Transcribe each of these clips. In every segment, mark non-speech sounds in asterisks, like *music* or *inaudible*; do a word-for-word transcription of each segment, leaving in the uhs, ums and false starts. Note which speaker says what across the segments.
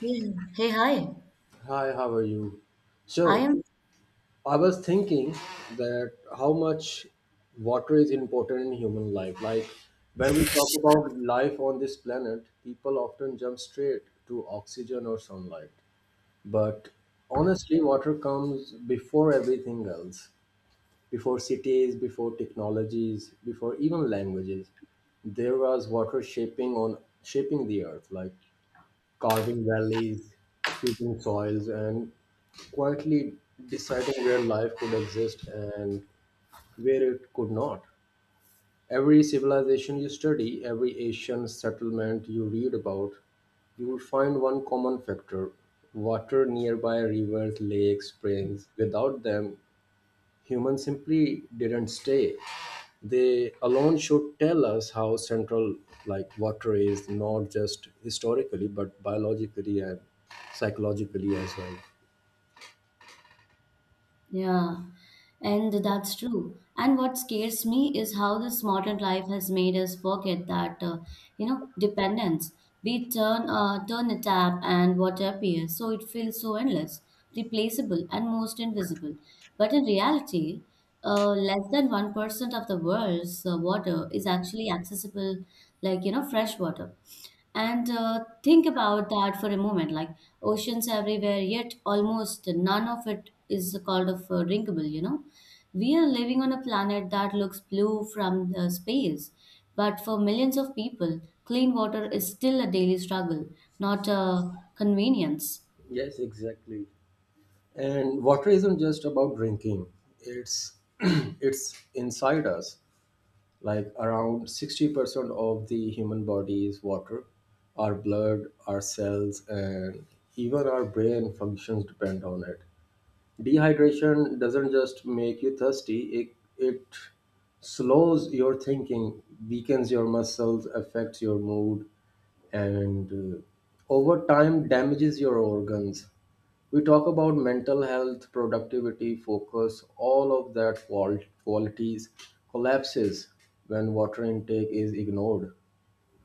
Speaker 1: Hey, Hey, hi.
Speaker 2: Hi, how are you?
Speaker 1: I
Speaker 2: So,
Speaker 1: am.
Speaker 2: I was thinking that how much water is important in human life. Like, when we talk about life on this planet, people often jump straight to oxygen or sunlight. But honestly, water comes before everything else, before cities, before technologies, before even languages. There was water shaping on shaping the earth, like carving valleys, shaping soils, and quietly deciding where life could exist and where it could not. Every civilization you study, every ancient settlement you read about, you will find one common factor: water nearby, rivers, lakes, springs. Without them, humans simply didn't stay. They alone should tell us how central, like water is, not just historically but biologically and psychologically as well.
Speaker 1: Yeah, and that's true. And what scares me is how this modern life has made us forget that, uh, you know, dependence. We turn, uh, turn a tap and water appears, so it feels so endless, replaceable, and most invisible. But in reality, uh, less than one percent of the world's uh, water is actually accessible, like, you know, fresh water. And uh, think about that for a moment, like oceans everywhere, yet almost none of it is called of uh, drinkable, you know. We are living on a planet that looks blue from the space, but for millions of people, clean water is still a daily struggle, not a convenience.
Speaker 2: Yes, exactly. And water isn't just about drinking, it's *clears throat* it's inside us. Like, around sixty percent of the human body is water. Our blood, our cells, and even our brain functions depend on it. Dehydration doesn't just make you thirsty, it, it slows your thinking, weakens your muscles, affects your mood, and uh, over time damages your organs. We talk about mental health, productivity, focus, all of that qual- qualities collapses when water intake is ignored.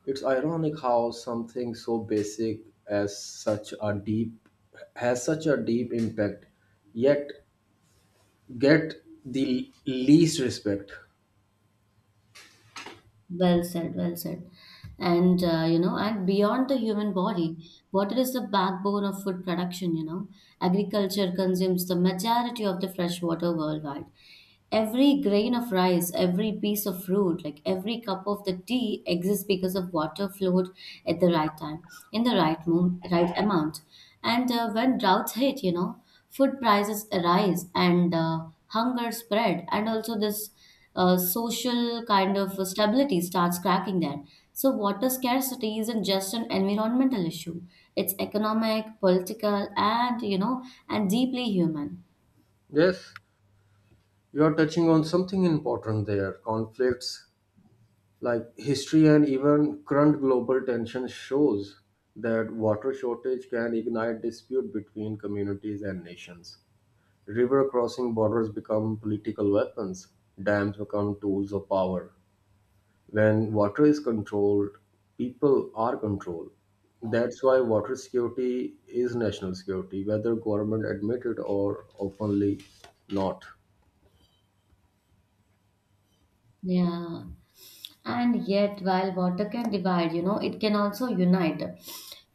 Speaker 2: It's ironic how something so basic as such a deep has such a deep impact, yet get the least respect.
Speaker 1: Well said, well said. And uh, you know, and beyond the human body, water is the backbone of food production, you know. Agriculture consumes the majority of the fresh water worldwide. Every grain of rice, every piece of fruit, like every cup of the tea exists because of water flowed at the right time, in the right mo- right amount. And uh, when droughts hit, you know, food prices arise and uh, hunger spread, and also this uh, social kind of stability starts cracking there. So, water scarcity isn't just an environmental issue; it's economic, political, and you know, and deeply human.
Speaker 2: Yes, you are touching on something important there. Conflicts, like history and even current global tension, shows that water shortage can ignite dispute between communities and nations. River crossing borders become political weapons. Dams become tools of power. When water is controlled, people are controlled. That's why water security is national security, whether government admit it or openly not.
Speaker 1: Yeah. And yet, while water can divide, you know, it can also unite.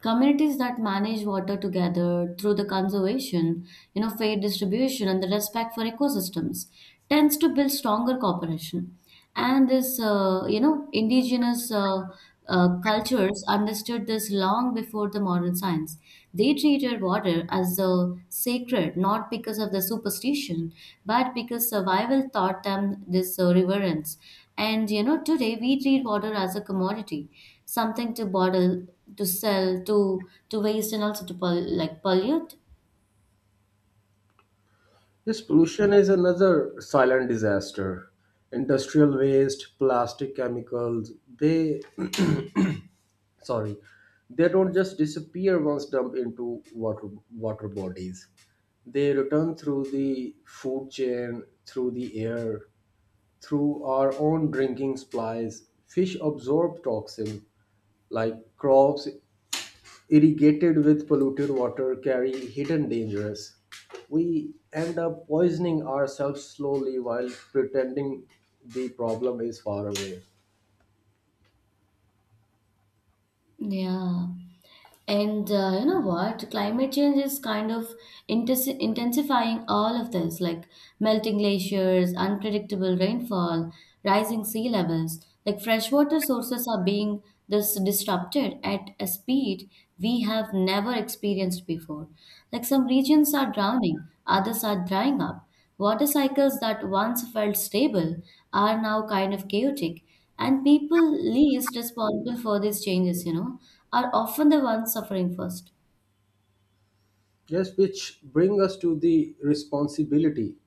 Speaker 1: Communities that manage water together through the conservation, you know, fair distribution, and the respect for ecosystems tends to build stronger cooperation. And this, uh, you know, indigenous uh, uh, cultures understood this long before the modern science. They treated water as a sacred, not because of the superstition, but because survival taught them this uh, reverence. And you know, today we treat water as a commodity, something to bottle, to sell, to to waste, and also to pol- like pollute.
Speaker 2: Yes, pollution is another silent disaster. Industrial waste, plastic, chemicals, they *clears throat* sorry, they don't just disappear once dumped into water water bodies. They return through the food chain, through the air, through our own drinking supplies. Fish absorb toxins, like crops irrigated with polluted water carry hidden dangers. We end up poisoning ourselves slowly while pretending the problem is far away.
Speaker 1: Yeah. And uh, you know what? Climate change is kind of intes- intensifying all of this, like melting glaciers, unpredictable rainfall, rising sea levels. Like freshwater sources are being this disrupted at a speed we have never experienced before. Like some regions are drowning, others are drying up. Water cycles that once felt stable are now kind of chaotic. And people least responsible for these changes, you know, are often the ones suffering first.
Speaker 2: Yes, which bring us to the responsibility.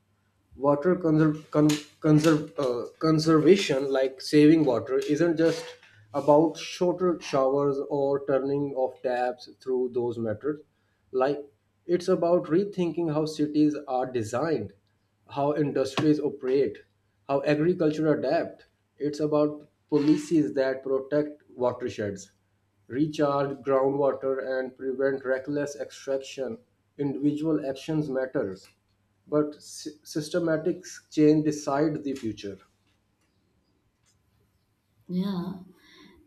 Speaker 2: Water conser- con- conserve, uh, Conservation, like saving water, isn't just about shorter showers or turning off taps through those methods. Like, it's about rethinking how cities are designed, how industries operate, how agriculture adapt. It's about policies that protect watersheds, recharge groundwater, and prevent reckless extraction. Individual actions matters, but sy- systematic change decide the future.
Speaker 1: Yeah.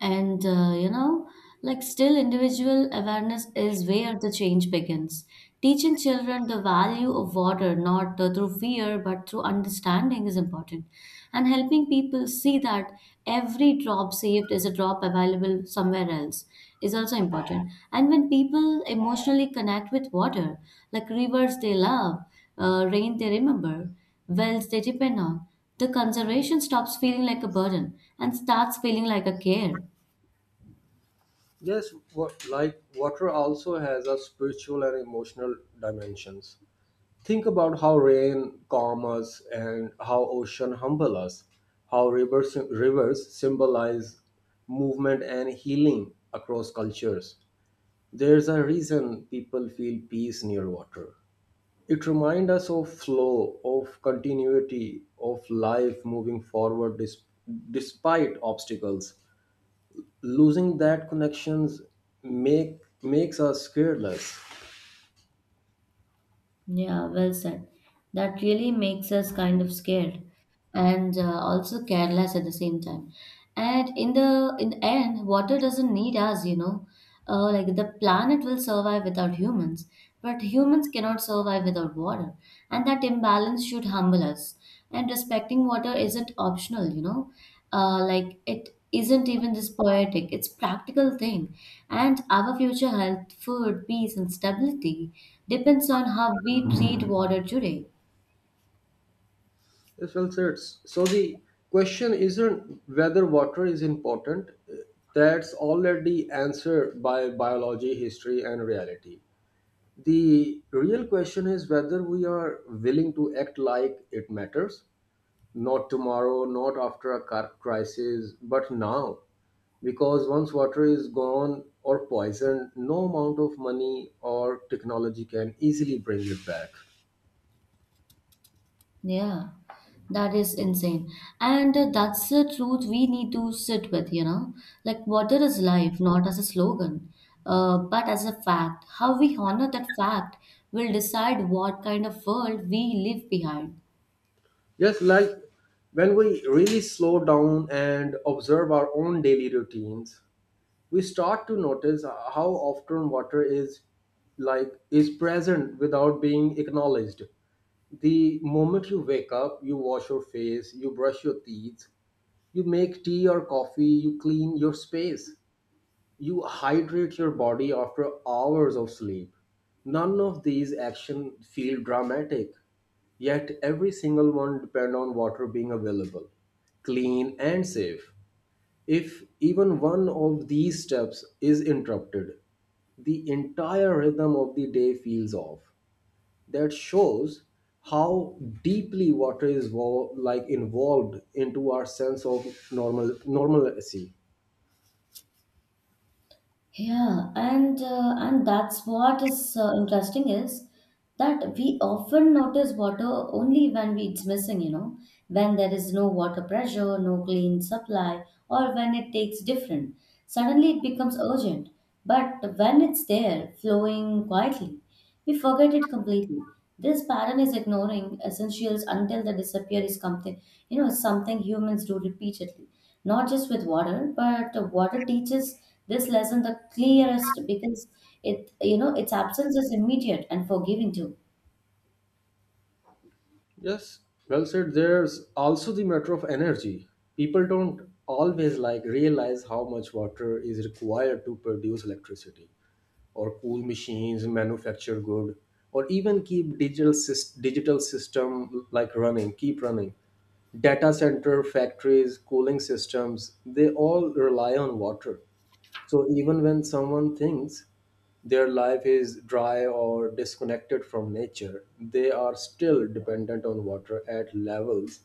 Speaker 1: And, uh, you know, like still individual awareness is where the change begins. Teaching children the value of water, not uh, through fear, but through understanding is important. And helping people see that every drop saved is a drop available somewhere else is also important. And when people emotionally connect with water, like rivers they love, uh, rain they remember, wells they depend on. The conservation stops feeling like a burden and starts feeling like a care.
Speaker 2: Yes, what, like water also has a spiritual and emotional dimensions. Think about how rain calm us and how ocean humble us, how rivers rivers symbolize movement and healing across cultures. There's a reason people feel peace near water. It reminds us of flow, of continuity, of life moving forward dis- despite obstacles. Losing that connections make makes us careless.
Speaker 1: Yeah, well said. That really makes us kind of scared and uh, also careless at the same time. And in the in the end, water doesn't need us, you know. Uh, like the planet will survive without humans, but humans cannot survive without water, and that imbalance should humble us. And respecting water isn't optional, you know, uh, like it isn't even this poetic, it's practical thing. And our future health, food, peace, and stability depends on how we treat water today.
Speaker 2: Yes, well said. So the question isn't whether water is important. That's already answered by biology, history, and reality. The real question is whether we are willing to act like it matters. Not tomorrow, not after a car- crisis, but now. Because once water is gone or poisoned, no amount of money or technology can easily bring it back.
Speaker 1: Yeah, that is insane. And uh, that's the truth we need to sit with, you know, like water is life, not as a slogan, uh, but as a fact. How we honor that fact will decide what kind of world we leave behind.
Speaker 2: Just like when we really slow down and observe our own daily routines, we start to notice uh, how often water is, like is present without being acknowledged. The moment you wake up, you wash your face, you brush your teeth, you make tea or coffee, you clean your space, you hydrate your body after hours of sleep. None of these actions feel dramatic, yet every single one depend on water being available, clean, and safe. If even one of these steps is interrupted, the entire rhythm of the day feels off. That shows how deeply water is wo- like involved into our sense of normal normalcy.
Speaker 1: Yeah, and uh, and that's what is uh, interesting is that we often notice water only when we, it's missing, you know, when there is no water pressure, no clean supply, or when it takes different. Suddenly it becomes urgent. But when it's there, flowing quietly, we forget it completely. This pattern is ignoring essentials until the disappear is something, you know, something humans do repeatedly, not just with water, but water teaches this lesson the clearest because it, you know, its absence is immediate and forgiving too.
Speaker 2: Yes, well said. There's also the matter of energy. People don't always like realize how much water is required to produce electricity, or cool machines, manufacture good, or even keep digital sys- digital system like running, keep running. Data center, factories, cooling systems, they all rely on water. So even when someone thinks their life is dry or disconnected from nature, they are still dependent on water at levels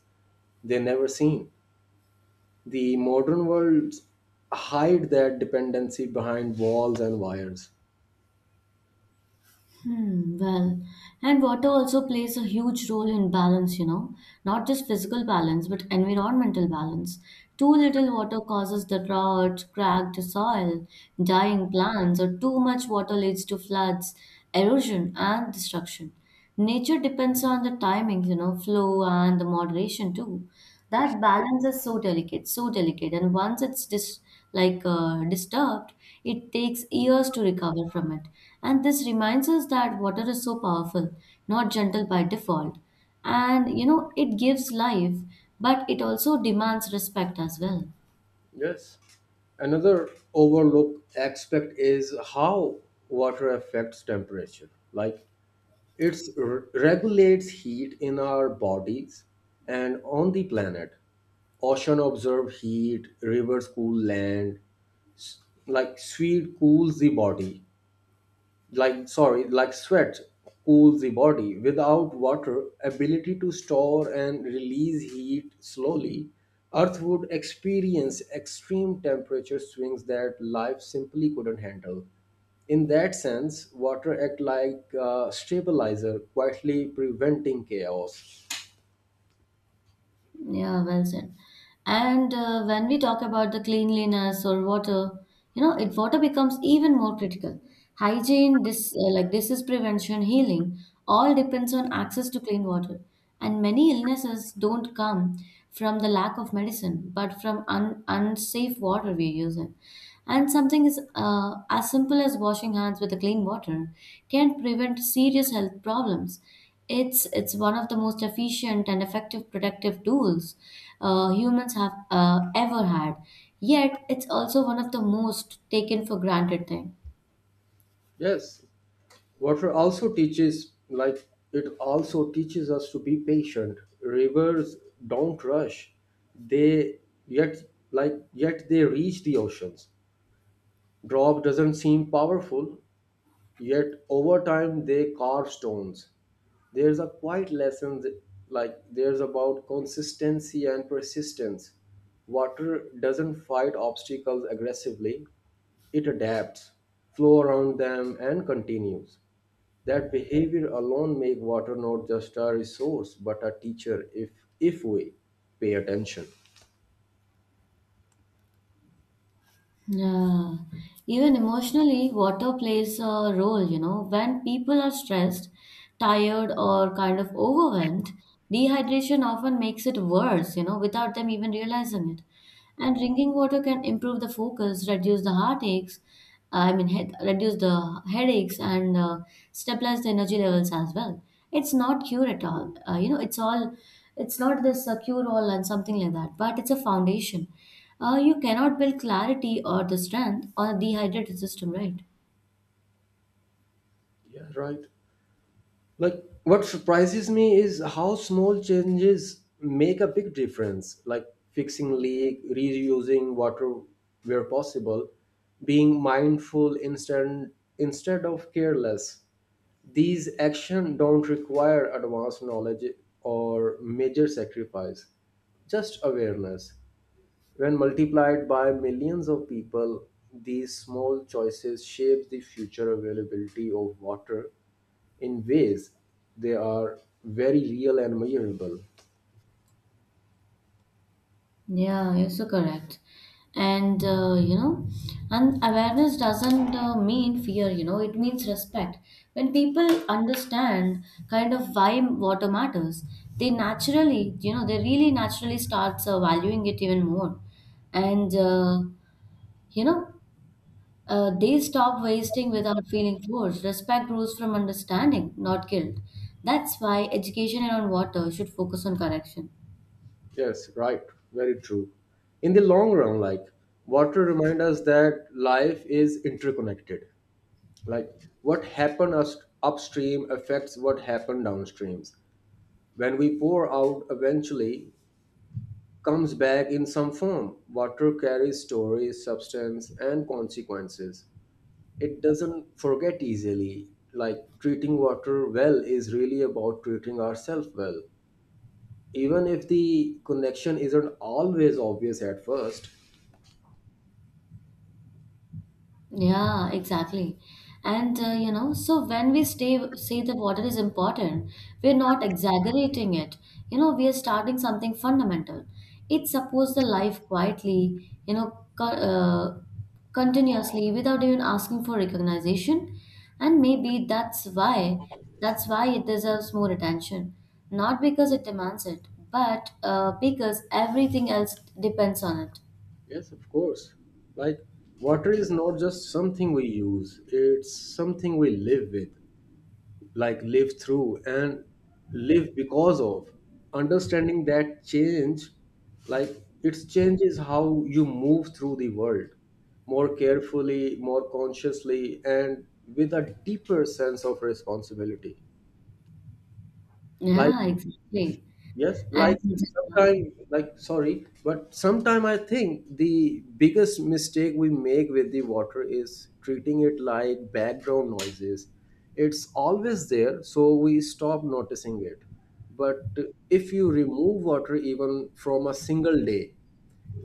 Speaker 2: they never seen. The modern world hide that dependency behind walls and wires.
Speaker 1: Hmm, well, and water also plays a huge role in balance, you know, not just physical balance, but environmental balance. Too little water causes the drought, cracked soil, dying plants, or too much water leads to floods, erosion, and destruction. Nature depends on the timings, you know, flow and the moderation too. That balance is so delicate, so delicate. And once it's dis like uh, disturbed, it takes years to recover from it. And this reminds us that water is so powerful, not gentle by default. And you know, it gives life, but it also demands respect as well.
Speaker 2: Yes. Another overlooked aspect is how water affects temperature. Like, it regulates heat in our bodies and on the planet. Ocean absorb heat, rivers cool land, s- like sweet cools the body, like sorry like sweat cools the body. Without water ability to store and release heat slowly, earth would experience extreme temperature swings that life simply couldn't handle. In that sense, water act like a stabilizer, quietly preventing chaos.
Speaker 1: Yeah, well said. And uh, when we talk about the cleanliness or water, you know, it water becomes even more critical. Hygiene, this uh, like disease prevention, healing, all depends on access to clean water. And many illnesses don't come from the lack of medicine, but from un unsafe water we use it. And something is uh, as simple as washing hands with the clean water can prevent serious health problems. It's it's one of the most efficient and effective productive tools uh, humans have uh, ever had. Yet it's also one of the most taken for granted thing.
Speaker 2: Yes. Water also teaches, like, it also teaches us to be patient. Rivers don't rush. They, yet, like, yet they reach the oceans. Drop doesn't seem powerful, yet over time they carve stones. There's a quiet lesson, that- like, there's about consistency and persistence. Water doesn't fight obstacles aggressively, it adapts, flow around them, and continues. That behavior alone make water not just a resource but a teacher, if if we pay attention.
Speaker 1: Yeah. Even emotionally, water plays a role, you know. When people are stressed, tired, or kind of overwhelmed, dehydration often makes it worse, you know, without them even realizing it. And drinking water can improve the focus, reduce the heartaches, Uh, I mean, head, reduce the headaches and uh, stabilize the energy levels as well. It's not cure at all. Uh, you know, it's all, it's not this uh, cure all and something like that, but it's a foundation. Uh, you cannot build clarity or the strength on a dehydrated system, right?
Speaker 2: Yeah, right. Like, what surprises me is how small changes make a big difference, like fixing leak, reusing water where possible, being mindful instead instead of careless. These actions don't require advanced knowledge or major sacrifice, just awareness. When multiplied by millions of people, these small choices shape the future availability of water in ways they are very real and measurable.
Speaker 1: Yeah, you're so correct. And uh, you know, and awareness doesn't uh, mean fear, you know, it means respect. When people understand kind of why water matters, they naturally, you know, they really naturally starts uh, valuing it even more. And uh, you know, uh, they stop wasting without feeling forced. Respect grows from understanding, not guilt. That's why education around water should focus on correction.
Speaker 2: Yes, right, very true. In the long run, like water reminds us that life is interconnected. Like what happened us upstream affects what happened downstreams. When we pour out, eventually comes back in some form. Water carries stories, substance, and consequences. It doesn't forget easily. Like, treating water well is really about treating ourselves well, even if the connection isn't always obvious at first.
Speaker 1: Yeah, exactly. And uh, you know, so when we stay, say that water is important, we're not exaggerating it. You know, we are starting something fundamental. It supports the life quietly, you know, co- uh, continuously without even asking for recognition. And maybe that's why that's why it deserves more attention. Not because it demands it, but uh, because everything else depends on it.
Speaker 2: Yes, of course. Like, water is not just something we use, it's something we live with, like live through and live because of. Understanding that change, like, it changes how you move through the world, more carefully, more consciously, and with a deeper sense of responsibility. Like,
Speaker 1: Yeah, exactly.
Speaker 2: yes, like
Speaker 1: And uh,
Speaker 2: sometime, like sorry, but sometime I think the biggest mistake we make with the water is treating it like background noises. It's always there, so we stop noticing it. But if you remove water even from a single day,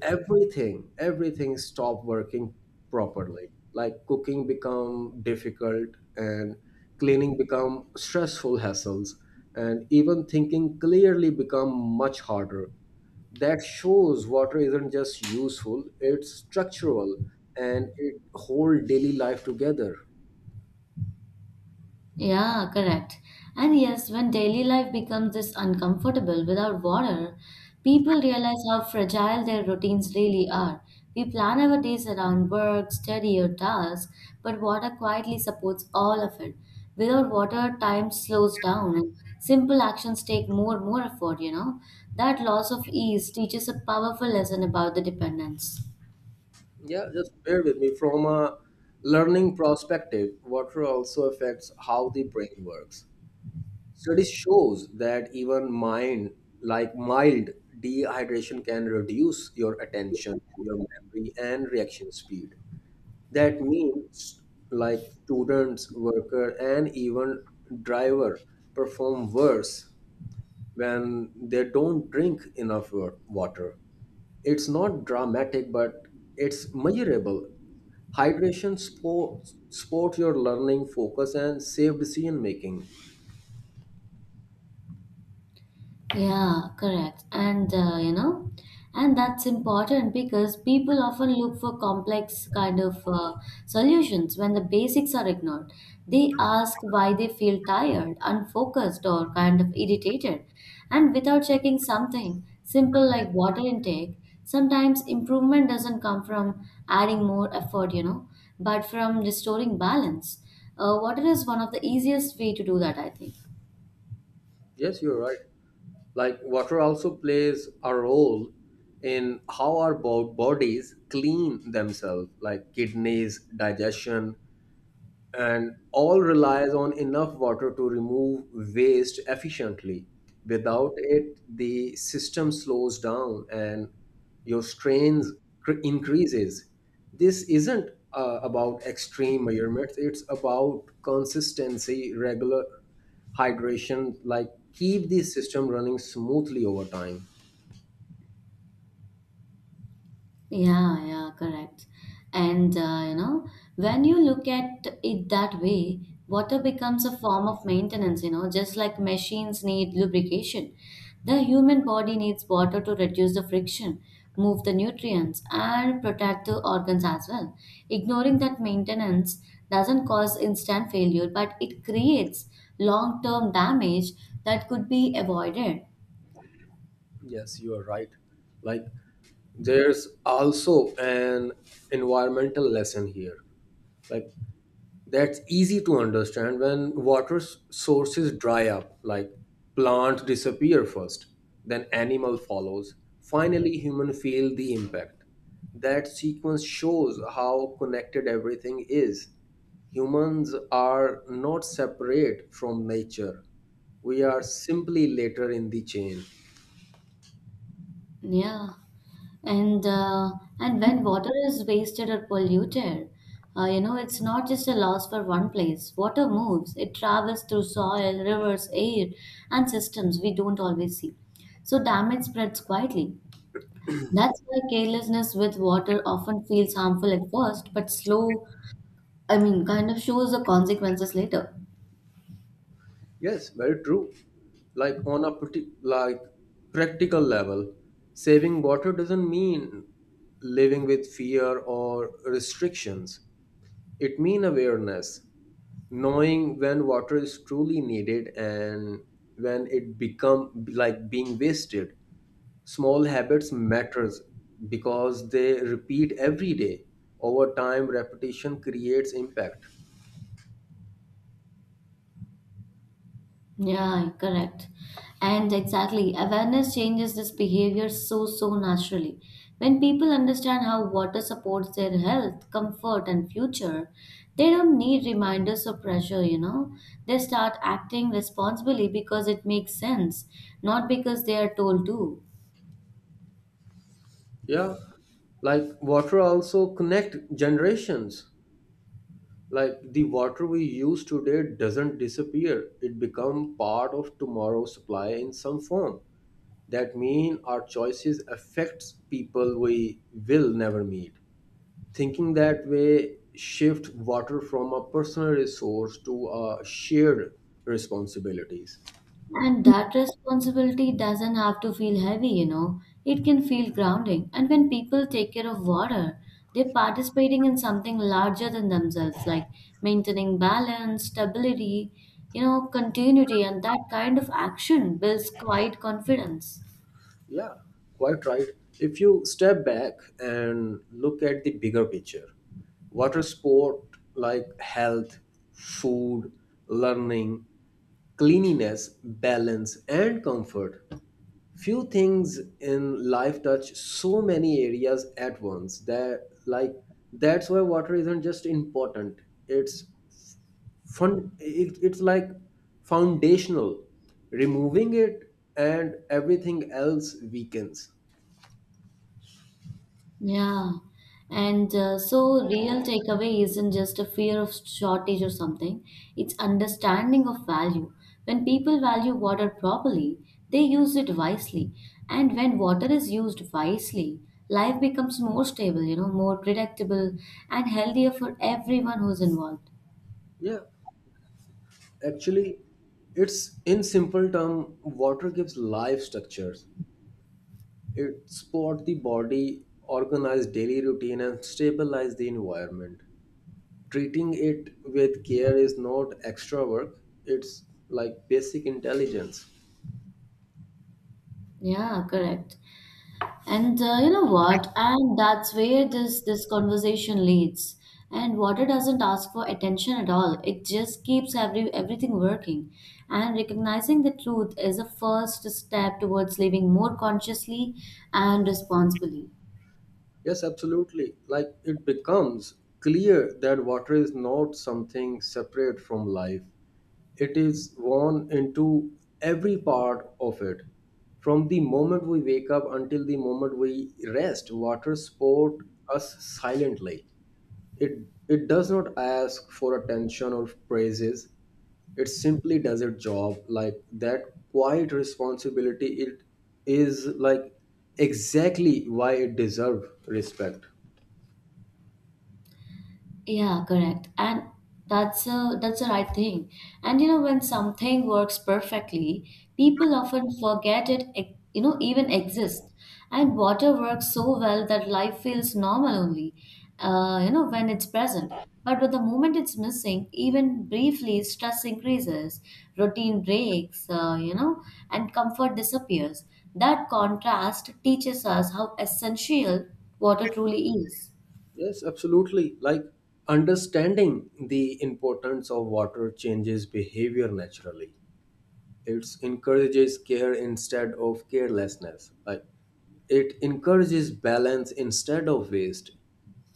Speaker 2: everything everything stopped working properly. Like cooking become difficult, and cleaning become stressful hassles, and even thinking clearly become much harder. That shows water isn't just useful, it's structural, and it hold daily life together.
Speaker 1: yeah, correct. And yes, when daily life becomes this uncomfortable without water, people realize how fragile their routines really are. We plan our days around work, study, or tasks, but water quietly supports all of it. Without water, time slows down and simple actions take more and more effort, you know. That loss of ease teaches a powerful lesson about the dependence.
Speaker 2: Yeah, just bear with me. From a learning perspective, water also affects how the brain works. Studies shows that even mind, like mild dehydration can reduce your attention, your memory, and reaction speed. That means like students, worker, and even driver perform worse when they don't drink enough wa- water. It's not dramatic, but it's measurable. Hydration support support your learning, focus, and safe decision making.
Speaker 1: Yeah, correct. And uh, you know, and that's important because people often look for complex kind of uh, solutions when the basics are ignored. They ask why they feel tired, unfocused, or kind of irritated, and without checking something simple like water intake. Sometimes improvement doesn't come from adding more effort, you know, but from restoring balance. Uh, water is one of the easiest way to do that, I think.
Speaker 2: Yes, you're right. Like, water also plays a role in how our bo- bodies clean themselves, like kidneys, digestion, and all relies on enough water to remove waste efficiently. Without it, the system slows down and your strains cr- increases. This isn't uh, about extreme measurements, it's about consistency, regular hydration, like keep the system running smoothly over time.
Speaker 1: Yeah, yeah, correct. And uh, you know, when you look at it that way, water becomes a form of maintenance, you know, just like machines need lubrication. The human body needs water to reduce the friction, move the nutrients, and protect the organs as well. Ignoring that maintenance doesn't cause instant failure, but it creates long-term damage that could be avoided.
Speaker 2: Yes, you are right. Like, there's also an environmental lesson here. Like, that's easy to understand. When water s- sources dry up, like, plants disappear first, then animal follows. Finally, human feel the impact. That sequence shows how connected everything is. Humans are not separate from nature. We are simply later in the chain.
Speaker 1: Yeah. And uh, and when water is wasted or polluted, uh, you know, it's not just a loss for one place. Water moves. It travels through soil, rivers, air, and systems we don't always see. So damage spreads quietly. That's why carelessness with water often feels harmful at first, but slow, I mean, kind of shows the consequences later.
Speaker 2: Yes, very true. Like on a pretty like practical level, saving water doesn't mean living with fear or restrictions. It means awareness, knowing when water is truly needed and when it become like being wasted. Small habits matters because they repeat every day. Over time, repetition creates impact.
Speaker 1: Yeah, correct. And exactly, awareness changes this behavior so, so naturally. When people understand how water supports their health, comfort, and future, they don't need reminders or pressure, you know. They start acting responsibly because it makes sense, not because they are told to.
Speaker 2: Yeah, like water also connect generations. Like, the water we use today doesn't disappear; it become part of tomorrow's supply in some form. That mean our choices affects people we will never meet. Thinking that way shift water from a personal resource to a shared responsibilities.
Speaker 1: And that responsibility doesn't have to feel heavy, you know. It can feel grounding. And when people take care of water, they're participating in something larger than themselves, like maintaining balance, stability, you know, continuity, and that kind of action builds quiet confidence.
Speaker 2: Yeah, quite right. If you step back and look at the bigger picture, water sport like health, food, learning, cleanliness, balance, and comfort. Few things in life touch so many areas at once. That like that's why water isn't just important, it's fun it, it's like foundational. Removing it, and everything else weakens.
Speaker 1: Yeah. And uh, so, real takeaway isn't just a fear of shortage or something, it's understanding of value. When people value water properly, they use it wisely. And when water is used wisely, life becomes more stable, you know, more predictable and healthier for everyone who's involved.
Speaker 2: Yeah, actually, it's in simple term, water gives life structures. It support the body, organize daily routine, and stabilize the environment. Treating it with care is not extra work, it's like basic intelligence.
Speaker 1: Yeah, correct. And uh, you know what? And that's where this this conversation leads. And water doesn't ask for attention at all. It just keeps every everything working. And recognizing the truth is a first step towards living more consciously and responsibly.
Speaker 2: Yes, absolutely. Like, it becomes clear that water is not something separate from life. It is woven into every part of it. From the moment we wake up until the moment we rest, water support us silently. It it does not ask for attention or praises. It simply does its job. Like, that quiet responsibility, it is like exactly why it deserves respect.
Speaker 1: Yeah, correct. And that's a that's the right thing. And you know, when something works perfectly, people often forget it, e- you know, even exists. And water works so well that life feels normal only, uh, you know, when it's present. But with the moment it's missing, even briefly, stress increases, routine breaks, uh, you know, and comfort disappears. That contrast teaches us how essential water truly is.
Speaker 2: Yes, absolutely. Like, understanding the importance of water changes behavior naturally. It encourages care instead of carelessness. Like, it encourages balance instead of waste.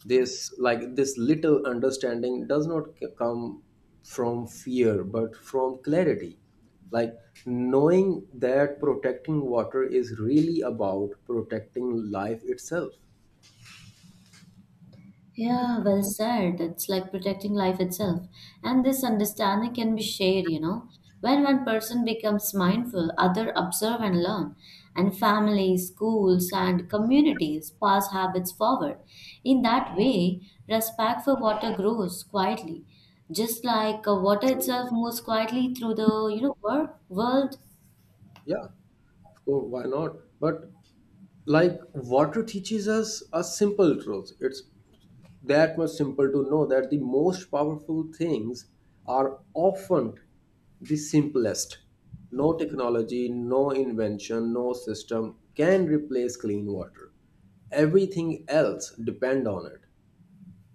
Speaker 2: This, like, this little understanding does not c- come from fear but from clarity. Like, knowing that protecting water is really about protecting life itself.
Speaker 1: Yeah, well said. It's like protecting life itself. And this understanding can be shared, you know. When one person becomes mindful, other observe and learn. And families, schools, and communities pass habits forward. In that way, respect for water grows quietly. Just like uh, water itself moves quietly through the, you know, wor- world.
Speaker 2: Yeah, of course, why not? But like, water teaches us a simple truth. It's that much simple to know that the most powerful things are often the simplest. No technology, no invention, no system can replace clean water. Everything else depend on it,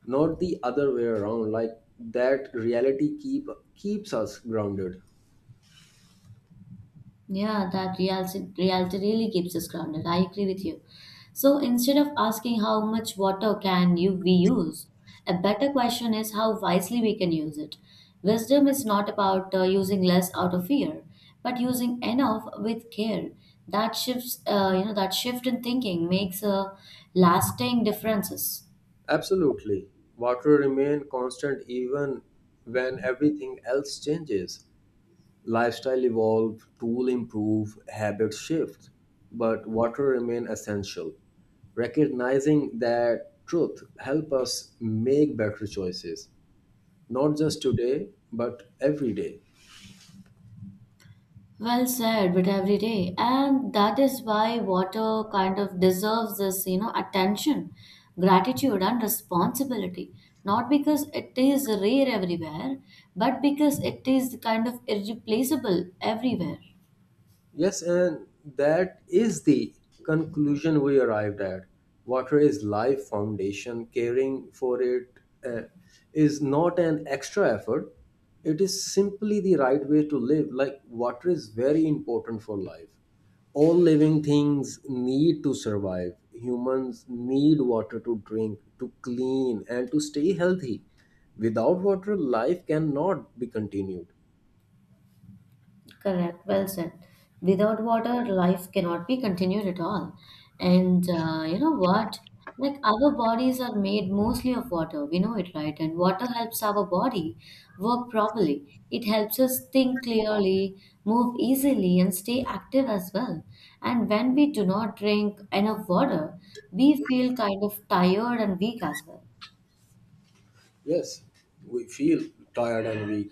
Speaker 2: not the other way around. Like, that reality keep keeps us grounded.
Speaker 1: Yeah, that reality, reality really keeps us grounded. I agree with you. So instead of asking how much water can you we use, a better question is how wisely we can use it. Wisdom is not about uh, using less out of fear, but using enough with care. That shifts, uh, you know, that shift in thinking makes a lasting differences.
Speaker 2: Absolutely. Water remain constant even when everything else changes. Lifestyle evolve, tool improve, habits shift, but water remain essential. Recognizing that truth help us make better choices, not just today, but every day.
Speaker 1: Well said, but every day. And that is why water kind of deserves this, you know, attention, gratitude, and responsibility. Not because it is rare everywhere, but because it is kind of irreplaceable everywhere.
Speaker 2: Yes, and that is the conclusion we arrived at. Water is life foundation. Caring for it uh, is not an extra effort. It is simply the right way to live. Like, water is very important for life. All living things need to survive. Humans need water to drink, to clean, and to stay healthy. Without water, life cannot be continued.
Speaker 1: Correct, well said. Without water, life cannot be continued at all. And uh, you know what? Like our bodies are made mostly of water. We know it, right? And water helps our body work properly. It helps us think clearly, move easily, and stay active as well. And when we do not drink enough water, we feel kind of tired and weak as well.
Speaker 2: Yes, we feel tired and weak.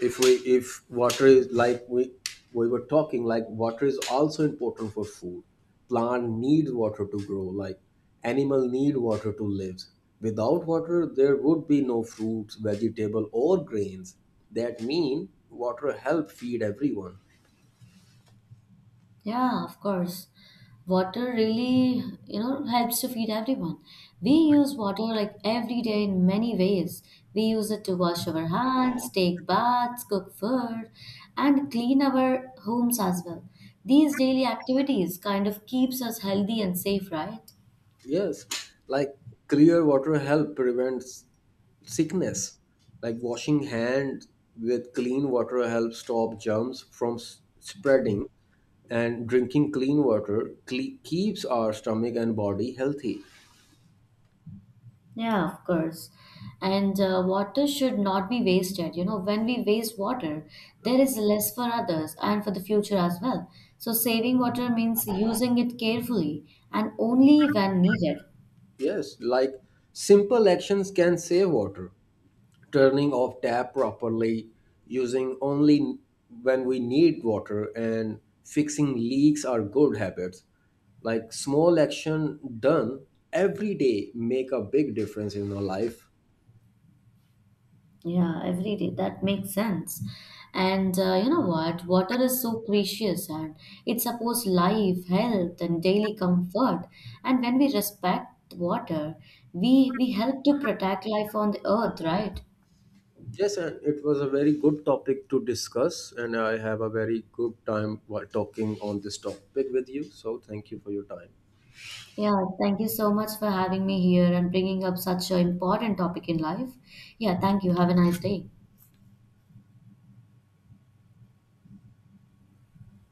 Speaker 2: If we if Water is, like, we we were talking, like water is also important for food. Plant needs water to grow, like animal need water to live. Without water, there would be no fruits, vegetable, or grains. That mean water help feed everyone.
Speaker 1: Yeah, of course. Water really, you know, helps to feed everyone. We use water like every day in many ways. We use it to wash our hands, take baths, cook food, and clean our homes as well. These daily activities kind of keeps us healthy and safe, right?
Speaker 2: Yes, like, clear water help prevents sickness. Like washing hands with clean water helps stop germs from s- spreading, and drinking clean water cle- keeps our stomach and body healthy.
Speaker 1: Yeah, of course. And uh, water should not be wasted. You know, when we waste water, there is less for others and for the future as well. So saving water means using it carefully and only when needed.
Speaker 2: Yes, like simple actions can save water. Turning off tap properly, using only when we need water, and fixing leaks are good habits. Like, small action done every day make a big difference in our life.
Speaker 1: Yeah, every day. That makes sense. And uh, you know what? Water is so precious and it supports life, health, and daily comfort. And when we respect water, we we help to protect life on the earth, right?
Speaker 2: Yes, and it was a very good topic to discuss, and I have a very good time while talking on this topic with you. So, thank you for your time.
Speaker 1: Yeah, thank you so much for having me here and bringing up such an important topic in life. Yeah, thank you. Have a nice day.